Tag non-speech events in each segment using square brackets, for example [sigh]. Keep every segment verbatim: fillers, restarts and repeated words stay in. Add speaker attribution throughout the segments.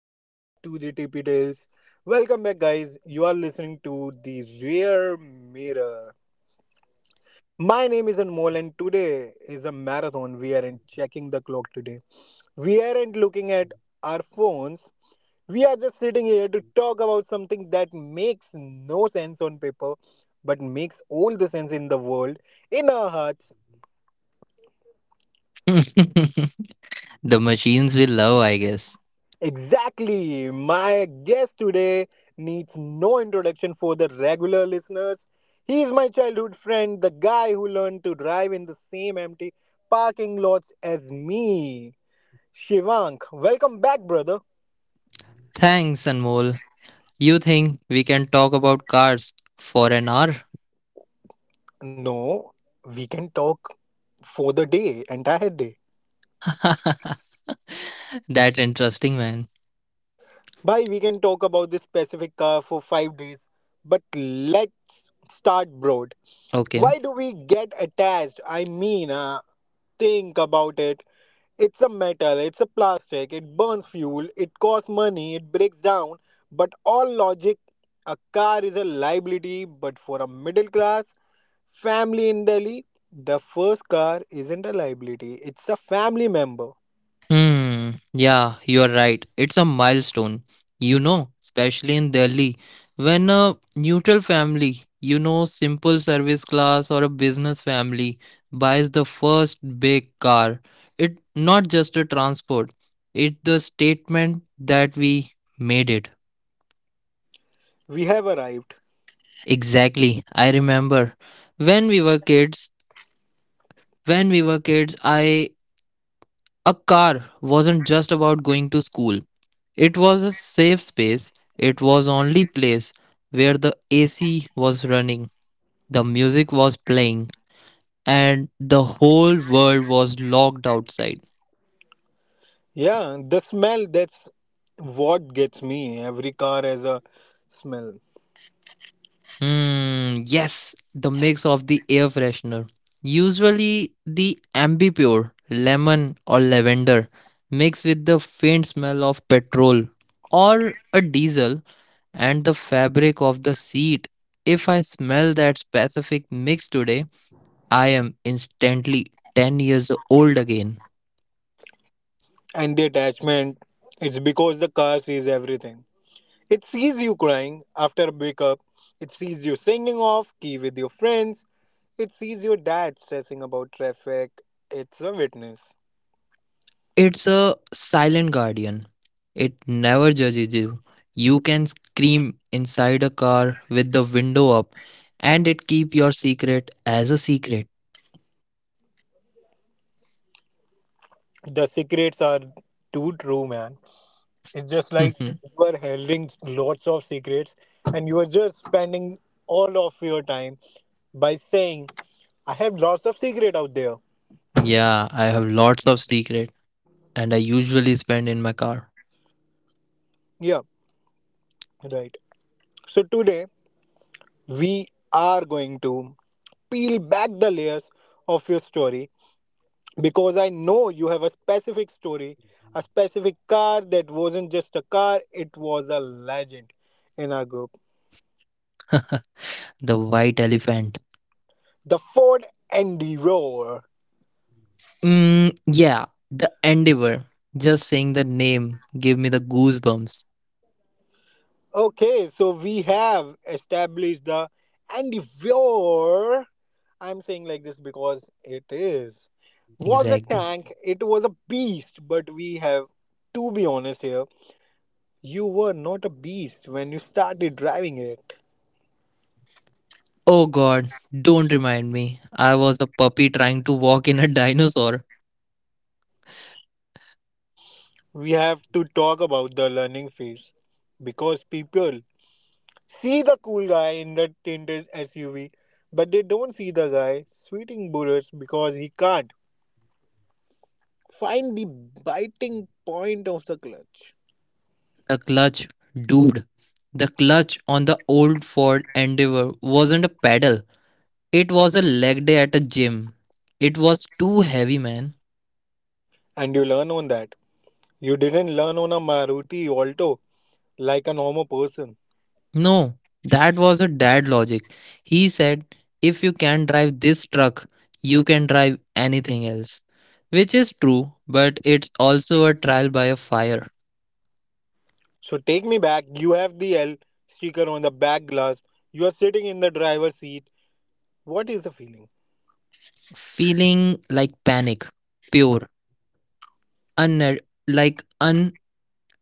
Speaker 1: back to the T P Tales. Welcome back, guys. You are listening to the Rear Mirror. My name is Anmol, and today is a marathon. We aren't checking the clock today. We aren't looking at our phones. We are just sitting here to talk about something that makes no sense on paper, but makes all the sense in the world in our hearts.
Speaker 2: [laughs] The machines will love, I guess.
Speaker 1: Exactly. My guest today needs no introduction for the regular listeners. He's my childhood friend, the guy who learned to drive in the same empty parking lots as me. Shivank, welcome back, brother.
Speaker 2: Thanks, Anmol. You think we can talk about cars for an hour?
Speaker 1: No, we can talk for the day, entire day.
Speaker 2: [laughs] That interesting, man.
Speaker 1: Bye, we can talk about this specific car for five days. But let's start broad,
Speaker 2: Okay.
Speaker 1: why do we get attached? I mean, uh, think about it. It's a metal, it's a plastic, it burns fuel, it costs money, it breaks down. But all logic, a car is a liability, but for a middle class family in Delhi, the first car isn't a liability, it's a family member.
Speaker 2: Hmm, yeah, you're right. It's a milestone, you know, especially in Delhi. When a neutral family, you know, simple service class or a business family buys the first big car, it not just a transport, it's the statement that we made it.
Speaker 1: We have arrived.
Speaker 2: Exactly. I remember when we were kids. When we were kids, I A car wasn't just about going to school. It was a safe space. It was only place where the A C was running, the music was playing, and the whole world was locked outside.
Speaker 1: Yeah, the smell, that's what gets me. Every car has a smell.
Speaker 2: Hmm, yes, the mix of the air freshener. Usually the ambipure, lemon or lavender, mixed with the faint smell of petrol or a diesel and the fabric of the seat. If I smell that specific mix today, I am instantly ten years old again.
Speaker 1: And the attachment, it's because the car sees everything. It sees you crying after a breakup. It sees you singing off key with your friends. It sees your dad stressing about traffic. It's a witness.
Speaker 2: It's a silent guardian. It never judges you. You can scream inside a car with the window up and it keep your secret as a secret.
Speaker 1: The secrets are too true, man. It's just like
Speaker 2: [laughs]
Speaker 1: you are holding lots of secrets and you are just spending all of your time by saying, I have lots of secret out there.
Speaker 2: Yeah, I have lots of secret and I usually spend in my car.
Speaker 1: Yeah, right. So today we are going to peel back the layers of your story, because I know you have a specific story, a specific car that wasn't just a car, it was a legend in our group.
Speaker 2: The white elephant.
Speaker 1: The Ford Endeavor.
Speaker 2: Mm, yeah, the endeavor. Just saying the name gave me the goosebumps.
Speaker 1: Okay, so we have established the Endeavor. I'm saying like this because it is. Was a
Speaker 2: Exactly.
Speaker 1: tank, it was a beast, but we have to be honest here, you were not a beast when you started driving it.
Speaker 2: Oh god, don't remind me. I was a puppy trying to walk in a dinosaur.
Speaker 1: We have to talk about the learning phase because people see the cool guy in the tinted S U V, but they don't see the guy sweating bullets because he can't find the biting point of the clutch.
Speaker 2: The clutch, dude. The clutch on the old Ford Endeavor wasn't a pedal. It was a leg day at a gym. It was too heavy, man.
Speaker 1: And you learn on that. You didn't learn on a Maruti Alto like a normal person.
Speaker 2: No, that was a dad logic. He said, if you can drive this truck, you can drive anything else. Which is true, but it's also a trial by a fire.
Speaker 1: So take me back. You have the L sticker on the back glass. You are sitting in the driver's seat. What is the feeling?
Speaker 2: Feeling like panic, pure, un- like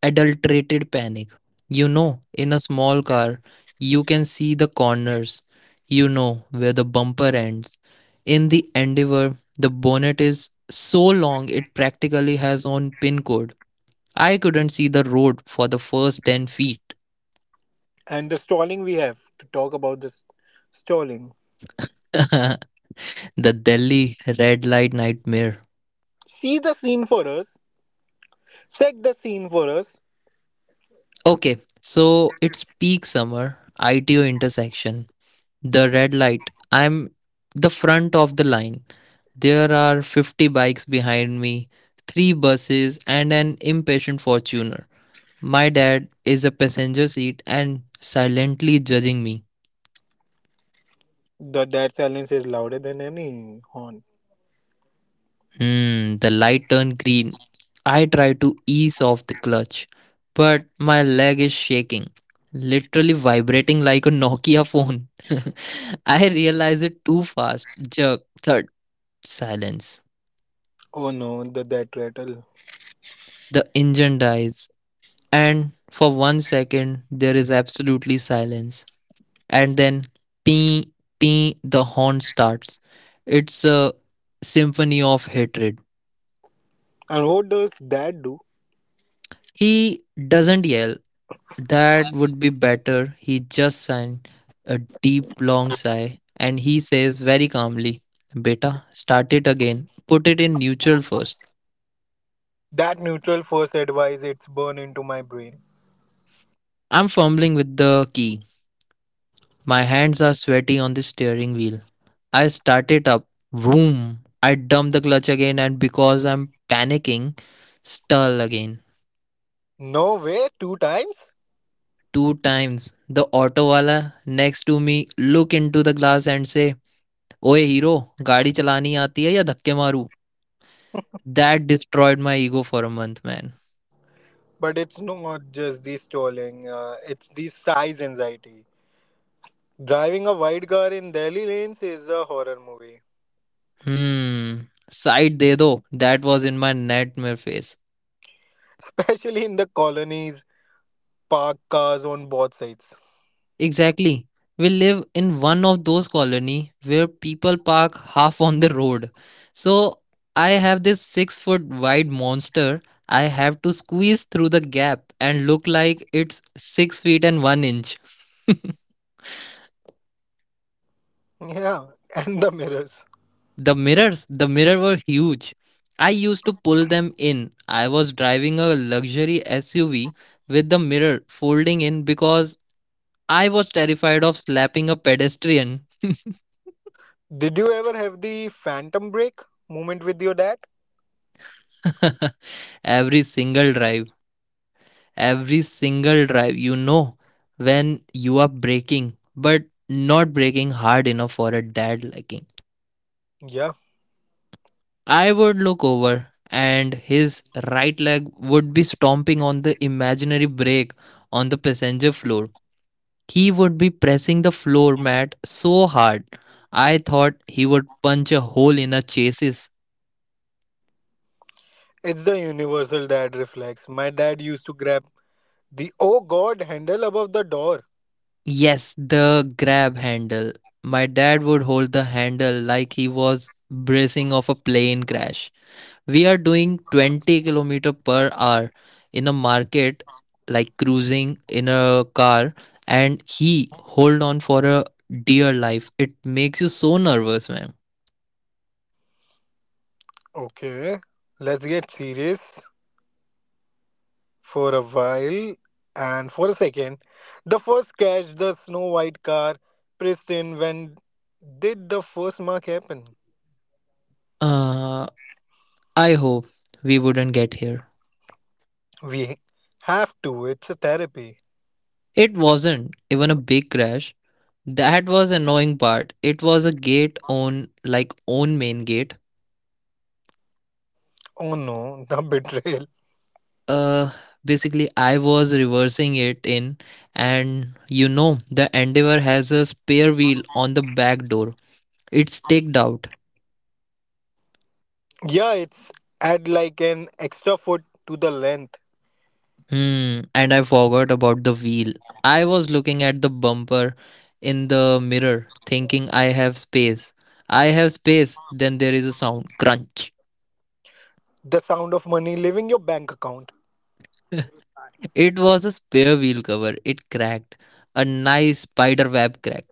Speaker 2: unadulterated panic. You know, in a small car, you can see the corners, you know where the bumper ends. In the Endeavour, the bonnet is so long it practically has own pin code. I couldn't see the road for the first ten feet.
Speaker 1: And the stalling, we have to talk about this stalling.
Speaker 2: [laughs] The Delhi red light nightmare.
Speaker 1: See the scene for us. Set the scene for us.
Speaker 2: Okay, so it's peak summer, I T O intersection. The red light. I'm the front of the line. There are fifty bikes behind me, three buses, and an impatient fortuner. My dad is a passenger seat and silently judging me.
Speaker 1: The that silence is louder than any horn.
Speaker 2: Mm, the light turned green. I try to ease off the clutch, but my leg is shaking, literally vibrating like a Nokia phone. [laughs] I realize it too fast. Jerk, thud, silence.
Speaker 1: Oh no, the that rattle.
Speaker 2: The engine dies, and for one second, there is absolutely silence. And then, pee, pee, the horn starts. It's a symphony of hatred.
Speaker 1: And what does that do?
Speaker 2: He doesn't yell. That would be better. He just signed a deep, long sigh and he says very calmly, Beta, start it again. Put it in neutral first.
Speaker 1: That neutral force advice, it's burned into my brain.
Speaker 2: I'm fumbling with the key. My hands are sweaty on the steering wheel. I start it up. Vroom. I dump the clutch again and because I'm panicking, stall again.
Speaker 1: No way, two times?
Speaker 2: Two times. The auto wala next to me look into the glass and say, ओए hero, गाड़ी चलानी आती है या धक्के मारू. That destroyed my ego for a month, man.
Speaker 1: But it's not just the stalling, uh, it's the size anxiety. Driving a wide car in Delhi lanes is a horror movie,
Speaker 2: Hmm. Side de do. That was in my nightmare phase.
Speaker 1: [laughs] especially in the colonies, parked cars on both sides.
Speaker 2: Exactly. We live in one of those colony where people park half on the road. So I have this six foot wide monster. I have to squeeze through the gap and look like it's six feet and one inch.
Speaker 1: Yeah, and the mirrors.
Speaker 2: The mirrors, the mirror were huge. I used to pull them in. I was driving a luxury S U V with the mirror folding in because I was terrified of slapping a pedestrian.
Speaker 1: Did you ever have the phantom break moment with your dad?
Speaker 2: [laughs] Every single drive. Every single drive, you know, when you are braking, but not braking hard enough for a dad liking.
Speaker 1: Yeah,
Speaker 2: I would look over and his right leg would be stomping on the imaginary brake on the passenger floor. He would be pressing the floor mat so hard. I thought he would punch a hole in her chassis.
Speaker 1: it's the universal dad reflex. My dad used to grab the oh god handle above the door.
Speaker 2: Yes, the grab handle. My dad would hold the handle like he was bracing off a plane crash. We are doing twenty kilometer per hour in a market, like cruising in a car, and he hold on for a dear life. It makes you so nervous, man.
Speaker 1: Okay, let's get serious for a while and for a second. The first catch the snow white car, Pristin, when did the first mark happen?
Speaker 2: uh I hope we wouldn't get here.
Speaker 1: We have to, it's a therapy.
Speaker 2: It wasn't even a big crash. That was annoying part. It was a gate on like own main gate.
Speaker 1: Oh no, the [laughs] betrayal.
Speaker 2: Uh basically I was reversing it in, and you know the Endeavor has a spare wheel on the back door. It's staked out.
Speaker 1: Yeah, it's add like an extra foot to the length.
Speaker 2: Hmm and I forgot about the wheel. I was looking at the bumper in the mirror thinking I have space. I have space. Then there is a sound crunch.
Speaker 1: The sound of money leaving your bank account.
Speaker 2: It was a spare wheel cover. It cracked. A nice spider web crack.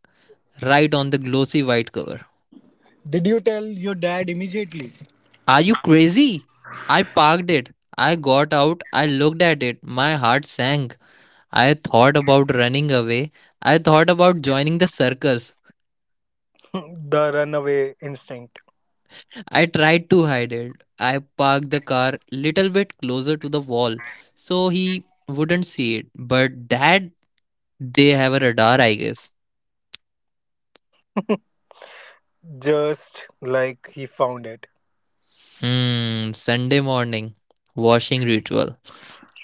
Speaker 2: Right on the glossy white cover.
Speaker 1: Did you tell your dad immediately?
Speaker 2: Are you crazy? I parked it. I got out. I looked at it. My heart sank. I thought about running away. I thought about joining the circus.
Speaker 1: [laughs] the runaway instinct.
Speaker 2: I tried to hide it. I parked the car little bit closer to the wall so he wouldn't see it. But dad, they have a radar, I guess.
Speaker 1: [laughs] Just like he found it.
Speaker 2: Hmm, Sunday morning, washing ritual.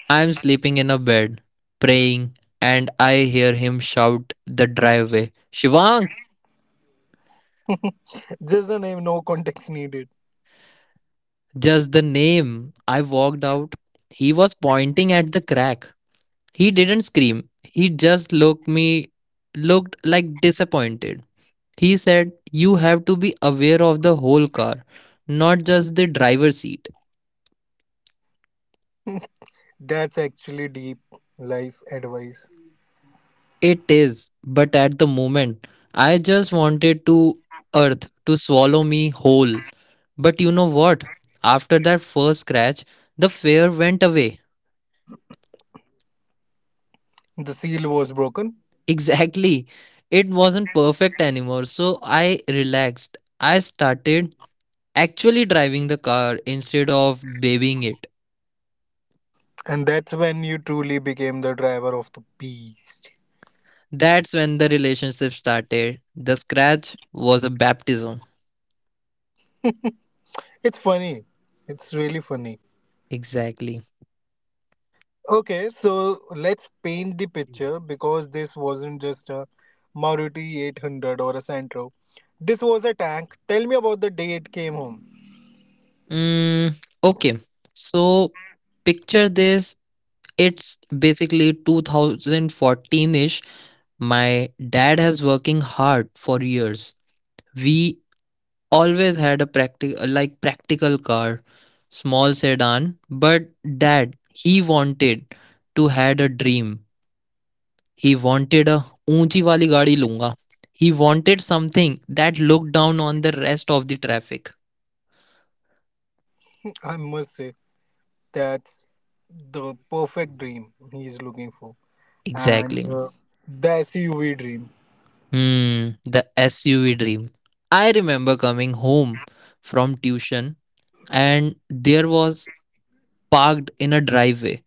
Speaker 2: I'm sleeping in a bed, praying, and I hear him shout the driveway. Shivank,
Speaker 1: Just the name, no context needed.
Speaker 2: just the name. I walked out. He was pointing at the crack. He didn't scream. He just looked me looked like disappointed. He said, "You have to be aware of the whole car, not just the driver's seat."
Speaker 1: That's actually deep life advice.
Speaker 2: It is, but at the moment, I just wanted to earth to swallow me whole. But you know what? After that first scratch, the fear went away. [laughs]
Speaker 1: The seal was broken,
Speaker 2: Exactly. It wasn't perfect anymore, so I relaxed. I started actually driving the car instead of babying it.
Speaker 1: and that's when you truly became the driver of the beast.
Speaker 2: That's when the relationship started. The scratch was a baptism.
Speaker 1: [laughs] It's funny. It's really funny.
Speaker 2: Exactly.
Speaker 1: Okay, so let's paint the picture because this wasn't just a Maruti eight hundred or a Santro. This was a tank. Tell me about the day it came home.
Speaker 2: Mm, okay. So picture this. It's basically two thousand fourteen ish. My dad has working hard for years. We always had a practical, like, practical car, small sedan. But dad, he wanted to had a dream. He wanted a unchi wali gaadi lunga. He wanted something that looked down on the rest of the traffic.
Speaker 1: I must say that's the perfect dream he's looking for, and
Speaker 2: Exactly.
Speaker 1: uh, the S U V dream.
Speaker 2: Hmm the SUV dream. I remember coming home from tuition, and there was parked in a driveway.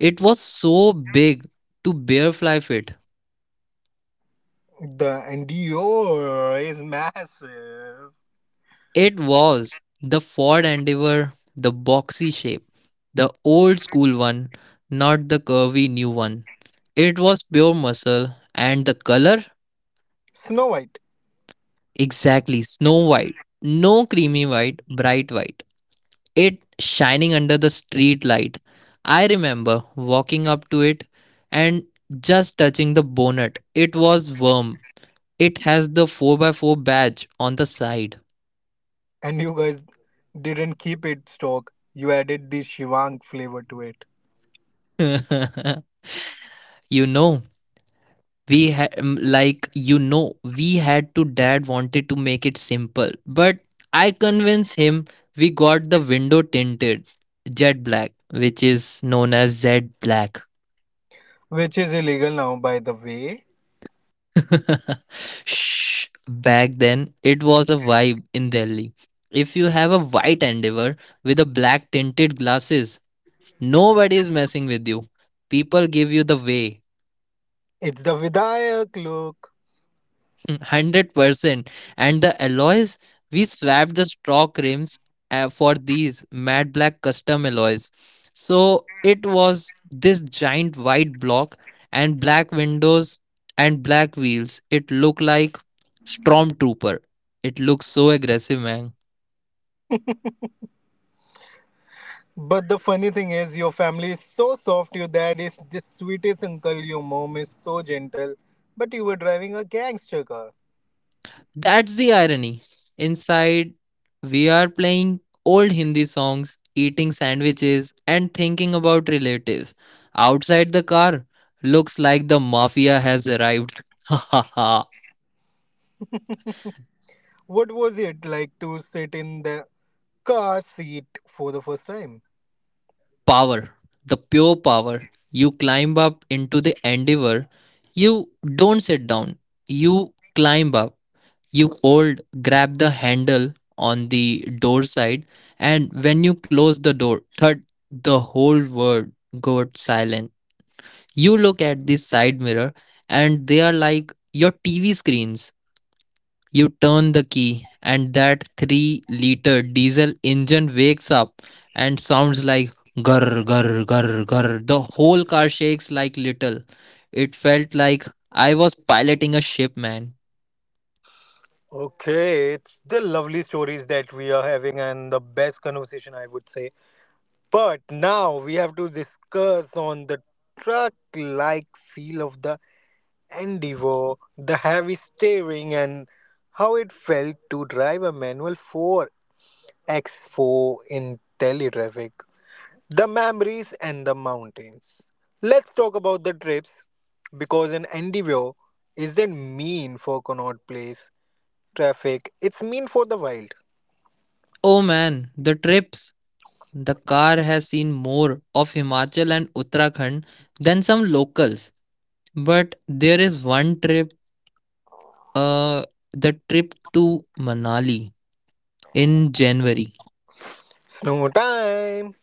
Speaker 2: It was so big to bear fly fit.
Speaker 1: The and Dior is massive.
Speaker 2: It was the Ford Endeavor, the boxy shape, the old school one, not the curvy new one. It was pure muscle, and the color
Speaker 1: Snow White,
Speaker 2: exactly snow white. No creamy white, bright white. It shining under the street light. I remember walking up to it and just touching the bonnet. It was warm. It has the four by four badge on the side.
Speaker 1: and you guys didn't keep it stock. You added the Shivang flavor to it,
Speaker 2: [laughs] you know, we ha- mm, like you know, we had to dad wanted to make it simple, but I convinced him we got the window tinted jet black, which is known as Z black.
Speaker 1: which is illegal now, by the way.
Speaker 2: [laughs] Shh. Back then, it was a vibe in Delhi. If you have a white endeavor with a black tinted glasses, nobody is messing with you. People give you the way.
Speaker 1: It's the Vidayak look.
Speaker 2: [laughs] one hundred percent. And the alloys, we swapped the stock rims uh, for these matte black custom alloys. So it was this giant white block and black windows and black wheels. It looked like Stormtrooper. It looks so aggressive, man.
Speaker 1: But the funny thing is, your family is so soft. Your dad is the sweetest uncle. Your mom is so gentle. But you were driving a gangster car.
Speaker 2: That's the irony. Inside, we are playing old Hindi songs, eating sandwiches, and thinking about relatives. Outside the car, looks like the mafia has arrived. [laughs] Ha ha.
Speaker 1: What was it like to sit in the car seat for the first time?
Speaker 2: Power. The pure power. You climb up into the endeavor. You don't sit down. You climb up. You hold, grab the handle on the door side, and when you close the door, thud, the whole world got silent. You look at the side mirror, and they are like your T V screens. You turn the key, and that three liter diesel engine wakes up and sounds like gur gur gur gur. The whole car shakes like little. It felt like I was piloting a ship, man.
Speaker 1: Okay, it's the lovely stories that we are having and the best conversation, I would say. But now we have to discuss on the truck like feel of the Endeavour, the heavy steering, and how it felt to drive a manual four by four in Delhi traffic, the memories, and the mountains. Let's talk about the trips because an Endeavour isn't mean for Connaught Place traffic, it's mean for the wild.
Speaker 2: Oh man, the trips. The car has seen more of Himachal and Uttarakhand than some locals. But there is one trip, uh, the trip to Manali in January.
Speaker 1: Snow time!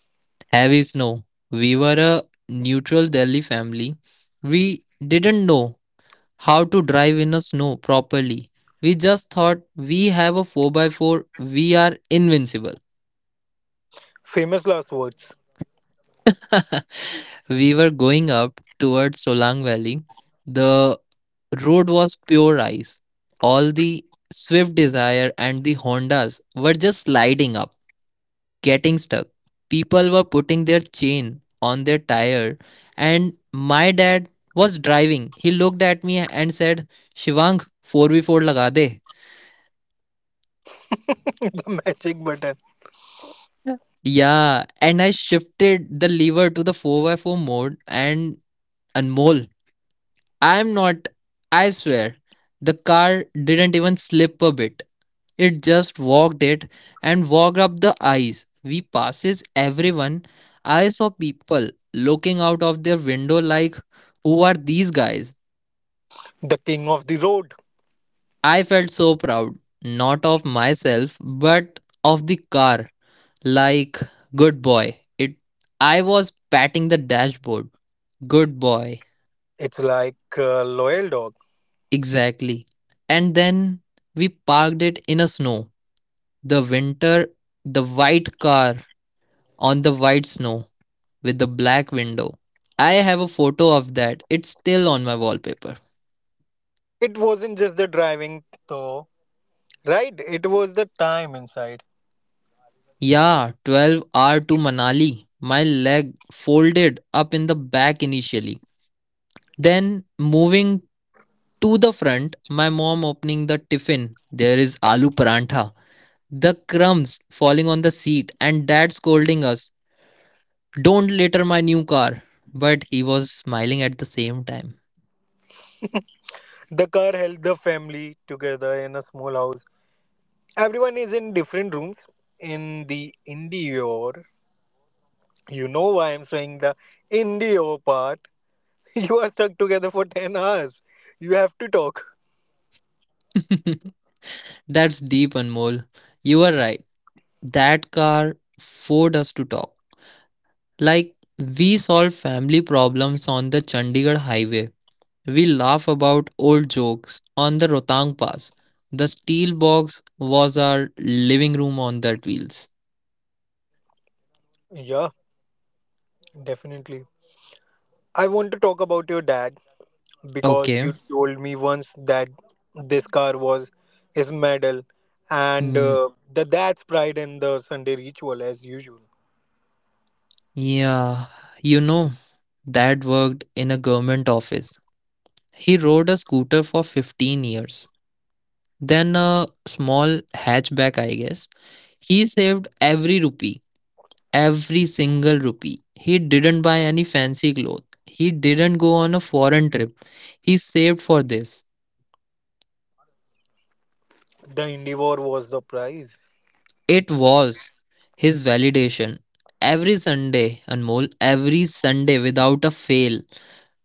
Speaker 2: Heavy snow. We were a neutral Delhi family. We didn't know how to drive in a snow properly. We just thought we have a four by four, we are invincible.
Speaker 1: Famous last words.
Speaker 2: [laughs] We were going up towards Solang Valley. The road was pure ice. All the Swift Desire and the Hondas were just sliding up, getting stuck. People were putting their chain on their tire, and my dad was driving. He looked at me and said, Shivang, four by four laga de.
Speaker 1: [laughs] the magic button.
Speaker 2: Yeah, and I shifted the lever to the four by four mode, and Anmol, I'm not, I swear, the car didn't even slip a bit. It just walked it and walked up the ice. We passes everyone. I saw people looking out of their window like, who are these guys?
Speaker 1: The king of the road.
Speaker 2: I felt so proud, not of myself, but of the car. Like, good boy. It I was patting the dashboard. Good boy.
Speaker 1: It's like a loyal dog.
Speaker 2: Exactly. And then we parked it in a snow. The winter, the white car on the white snow with the black window. I have a photo of that. It's still on my wallpaper.
Speaker 1: It wasn't just the driving, though. Right, it was the time inside.
Speaker 2: Yeah, 12 hour to Manali. My leg folded up in the back initially. Then moving to the front, my mom opening the tiffin. There is aloo parantha. The crumbs falling on the seat and dad scolding us. Don't litter my new car. But he was smiling at the same time.
Speaker 1: The car held the family together in a small house. Everyone is in different rooms in the indoor. You know why I'm saying the indoor part. [laughs] You are stuck together for ten hours. You have to talk.
Speaker 2: [laughs] That's deep, Anmol. You are right. That car forced us to talk. Like, we solve family problems on the Chandigarh highway. We laugh about old jokes on the Rotang Pass. The steel box was our living room on that wheels.
Speaker 1: Yeah, definitely. I want to talk about your dad because
Speaker 2: Okay.
Speaker 1: you told me once that this car was his medal and
Speaker 2: Mm,
Speaker 1: uh, the dad's pride in the Sunday ritual as usual.
Speaker 2: yeah. You know, Dad worked in a government office. He rode a scooter for 15 years. Than a small hatchback, I guess. He saved every rupee, every single rupee. He didn't buy any fancy clothes. He didn't go on a foreign trip. He saved for this.
Speaker 1: The Indivore was the prize.
Speaker 2: It was his validation. Every Sunday, Anmol, every Sunday without a fail,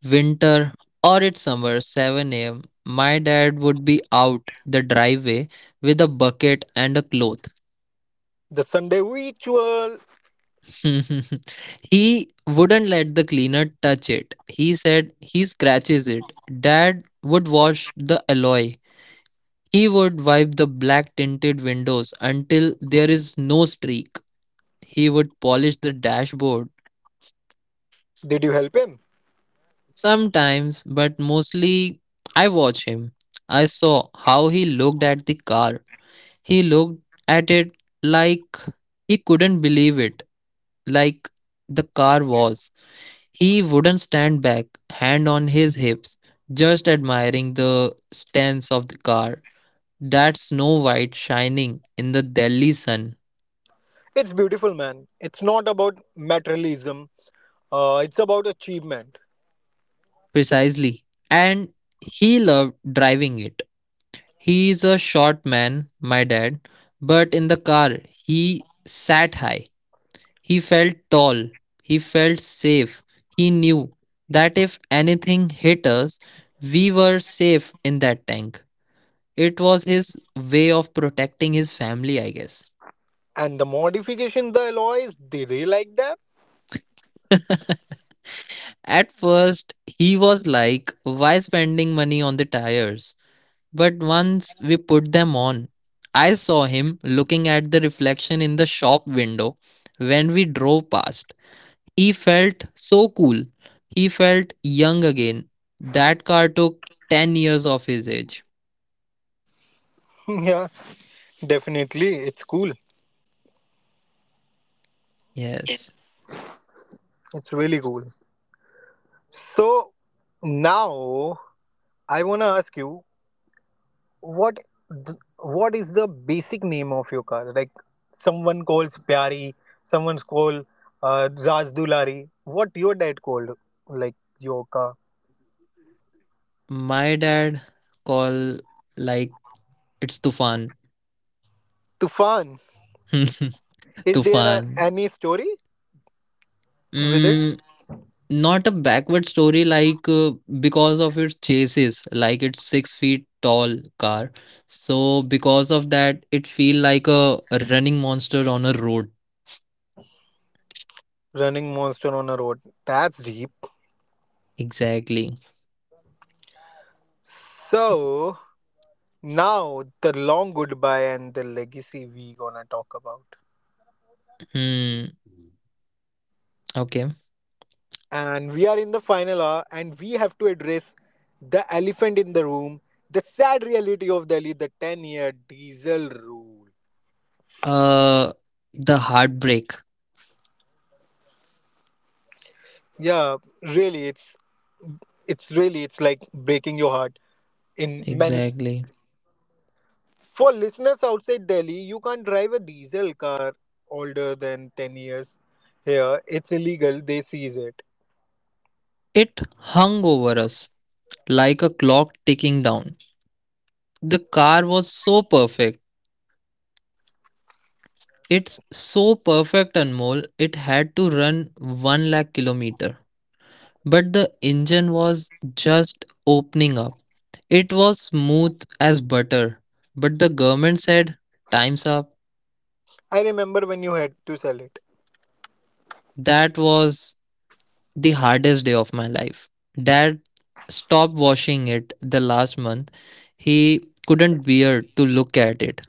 Speaker 2: winter or it's summer, seven a m, my dad would be out the driveway with a bucket and a cloth.
Speaker 1: The Sunday ritual.
Speaker 2: [laughs] he wouldn't let the cleaner touch it. He said he scratches it. Dad would wash the alloy. He would wipe the black tinted windows until there is no streak. He would polish the dashboard.
Speaker 1: Did you help him?
Speaker 2: Sometimes, but mostly, I watch him. I saw how he looked at the car. He looked at it like he couldn't believe it, like the car was. He wouldn't stand back, hand on his hips, just admiring the stance of the car, that snow white shining in the Delhi sun.
Speaker 1: It's beautiful, man. It's not about materialism. Uh, it's about achievement.
Speaker 2: Precisely. And he loved driving it. He's a short man, my dad, but in the car, he sat high. He felt tall. He felt safe. He knew that if anything hit us, we were safe in that tank. It was his way of protecting his family, I guess.
Speaker 1: And the modifications, the alloys, did he like that?
Speaker 2: At first, he was like, why spending money on the tires? But once we put them on, I saw him looking at the reflection in the shop window when we drove past. He felt so cool. He felt young again. That car took 10 years of his age.
Speaker 1: [laughs] Yeah, definitely. It's cool.
Speaker 2: Yes.
Speaker 1: It's really cool. So now I wanna ask you. What th- what is the basic name of your car, like someone calls pyari, someone's call, uh, raj dulari, what your dad called, like your car?
Speaker 2: My dad call like it's Tufan. [laughs]
Speaker 1: Tufan, is there a,
Speaker 2: Tufan.
Speaker 1: any story with it?
Speaker 2: Mm, not a backward story like uh, because of its chases, like it's six feet tall car. So because of that, it feel like a running monster on a road.
Speaker 1: Running monster on a road, that's deep.
Speaker 2: Exactly.
Speaker 1: So now the long goodbye and the legacy we gonna talk about.
Speaker 2: Hmm. Okay.
Speaker 1: And we are in the final hour, and we have to address the elephant in the room, the sad reality of Delhi, the ten year diesel rule.
Speaker 2: Uh, the heartbreak.
Speaker 1: Yeah, really, it's it's really it's like breaking your heart in many.
Speaker 2: Exactly.
Speaker 1: For listeners outside Delhi, you can't drive a diesel car older than ten years here, it's illegal, they seize it.
Speaker 2: It hung over us like a clock ticking down. The car was so perfect. It's so perfect, Anmol. It had to run one lakh kilometer but the engine was just opening up. It was smooth as butter, but the government said, Time's up.
Speaker 1: I remember when you had to sell it.
Speaker 2: That was the hardest day of my life. Dad stopped washing it the last month. He couldn't bear to look at it.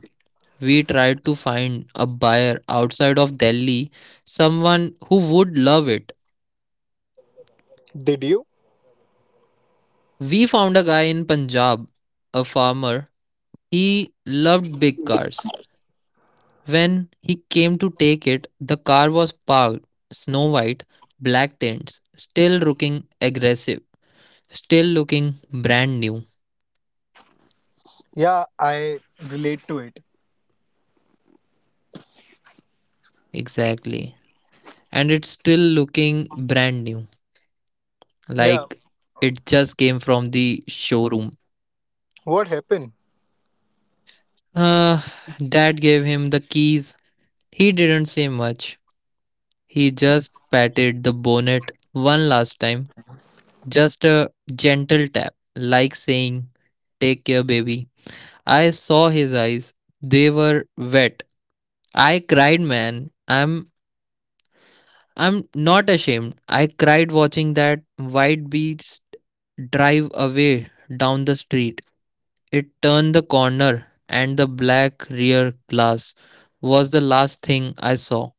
Speaker 2: We tried to find a buyer outside of Delhi, someone who would love it.
Speaker 1: Did you?
Speaker 2: We found a guy in Punjab, a farmer. He loved big cars. When he came to take it, the car was parked, snow white, black tints, still looking aggressive, still looking brand new.
Speaker 1: Yeah, I relate to it.
Speaker 2: Exactly. And it's still looking brand new,
Speaker 1: Yeah,
Speaker 2: like it just came from the showroom.
Speaker 1: what happened?
Speaker 2: Uh, Dad gave him the keys. He didn't say much. He just patted the bonnet one last time, just a gentle tap, like saying, Take care, baby. I saw his eyes. They were wet. I cried, man. I'm I'm not ashamed. I cried watching that white beast drive away down the street. It turned the corner and the black rear glass was the last thing I saw.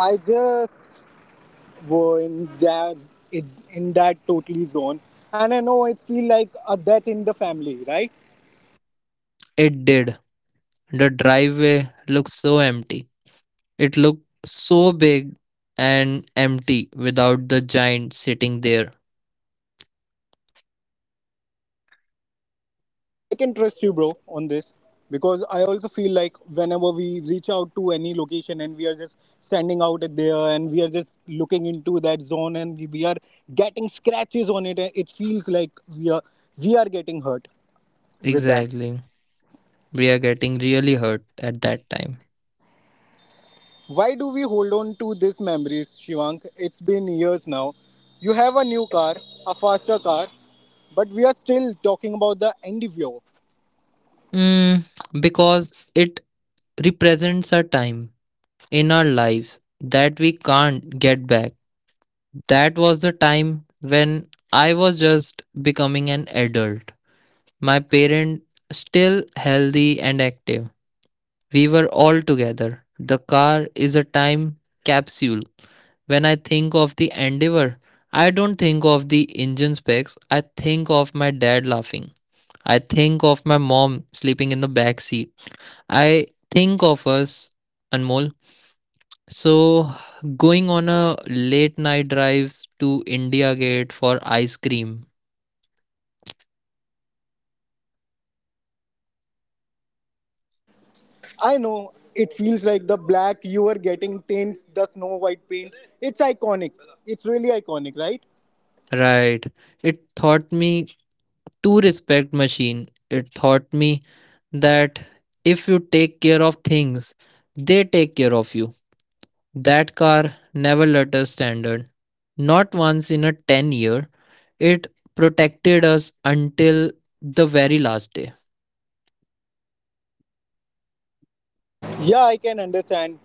Speaker 1: I just were in that, in, in that totally zone. And I know it feel like a death in the family, right?
Speaker 2: It did. The driveway looked so empty. It looked so big and empty without the giant sitting there.
Speaker 1: I can trust you, bro, on this because I also feel like whenever we reach out to any location and we are just standing out at there and we are just looking into that zone and we are getting scratches on it, it feels like we are, we are getting hurt with that.
Speaker 2: Exactly. We are getting really hurt at that time.
Speaker 1: Why do we hold on to these memories, Shivank? It's been years now. You have a new car, a faster car, but we are still talking about the N D V O.
Speaker 2: Mm, because it represents a time in our lives that we can't get back. That was the time when I was just becoming an adult. My parents still healthy and active. We were all together. The car is a time capsule. When I think of the endeavor, I don't think of the engine specs. I think of my dad laughing. I think of my mom sleeping in the back seat. I think of us, Anmol, so, going on a late night drives to India Gate for ice cream.
Speaker 1: I know it feels like the black you are getting tints, the snow white paint. It's iconic. It's really iconic, right?
Speaker 2: Right. It taught me to respect machine. It taught me that if you take care of things, they take care of you. That car never let us standard. Not once in a 10 year. It protected us until the very last day.
Speaker 1: Yeah, I can understand.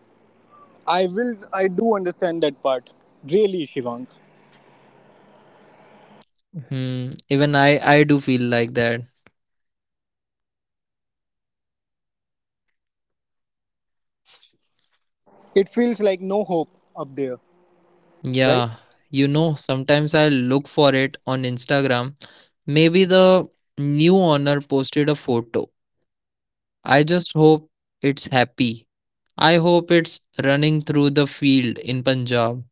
Speaker 1: I will, I do understand that part. Really, Shivank.
Speaker 2: Hmm. Even I, I do feel like that.
Speaker 1: It feels like no hope up there, right?
Speaker 2: Yeah, you know, sometimes I look for it on Instagram. Maybe the new owner posted a photo. I just hope it's happy. I hope it's running through the field in Punjab,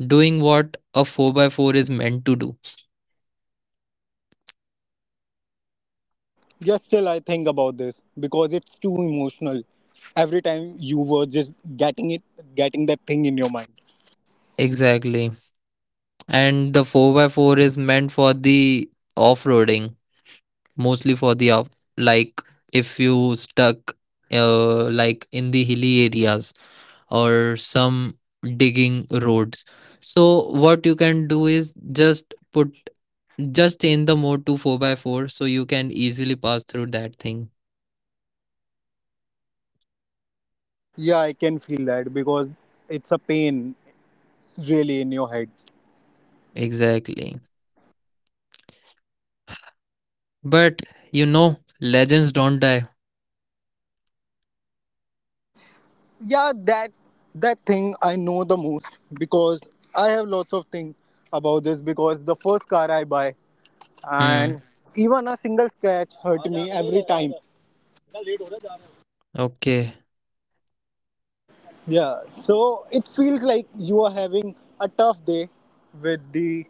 Speaker 2: doing what a four by four is meant to do.
Speaker 1: Yes, still I think about this because it's too emotional. Every time you were just getting it, getting that thing in your mind.
Speaker 2: Exactly. And the four by four is meant for the off roading, mostly for the off, like if you stuck uh, like in the hilly areas or some digging roads. So what you can do is just put just change the mode to four by four so you can easily pass through that thing.
Speaker 1: Yeah, I can feel that because it's a pain really in your head.
Speaker 2: Exactly. But you know, legends don't die.
Speaker 1: Yeah, that that thing I know the most because I have lots of things about this because the first car I buy and
Speaker 2: Hmm.
Speaker 1: even a single scratch hurt me every time.
Speaker 2: Okay.
Speaker 1: Yeah, so it feels like you are having a tough day with the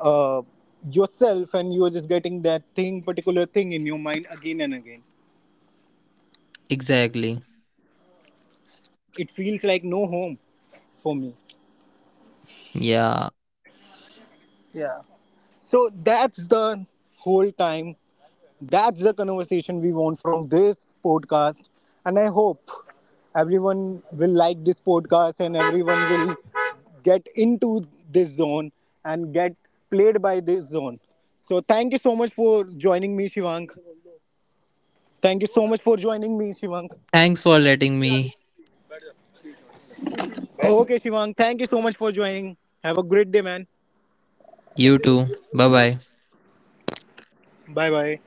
Speaker 1: uh, yourself and you're just getting that thing particular thing in your mind again and again,
Speaker 2: Exactly.
Speaker 1: it feels like no home for me.
Speaker 2: Yeah.
Speaker 1: Yeah, so that's the whole time, that's the conversation we want from this podcast, and I hope everyone will like this podcast and everyone will get into this zone and get played by this zone. So thank you so much for joining me Shivank, thank you so much for joining me Shivank.
Speaker 2: Thanks for letting me.
Speaker 1: Okay, Shivang, thank you so much for joining. Have a great day, man.
Speaker 2: You too. Bye bye.
Speaker 1: Bye bye.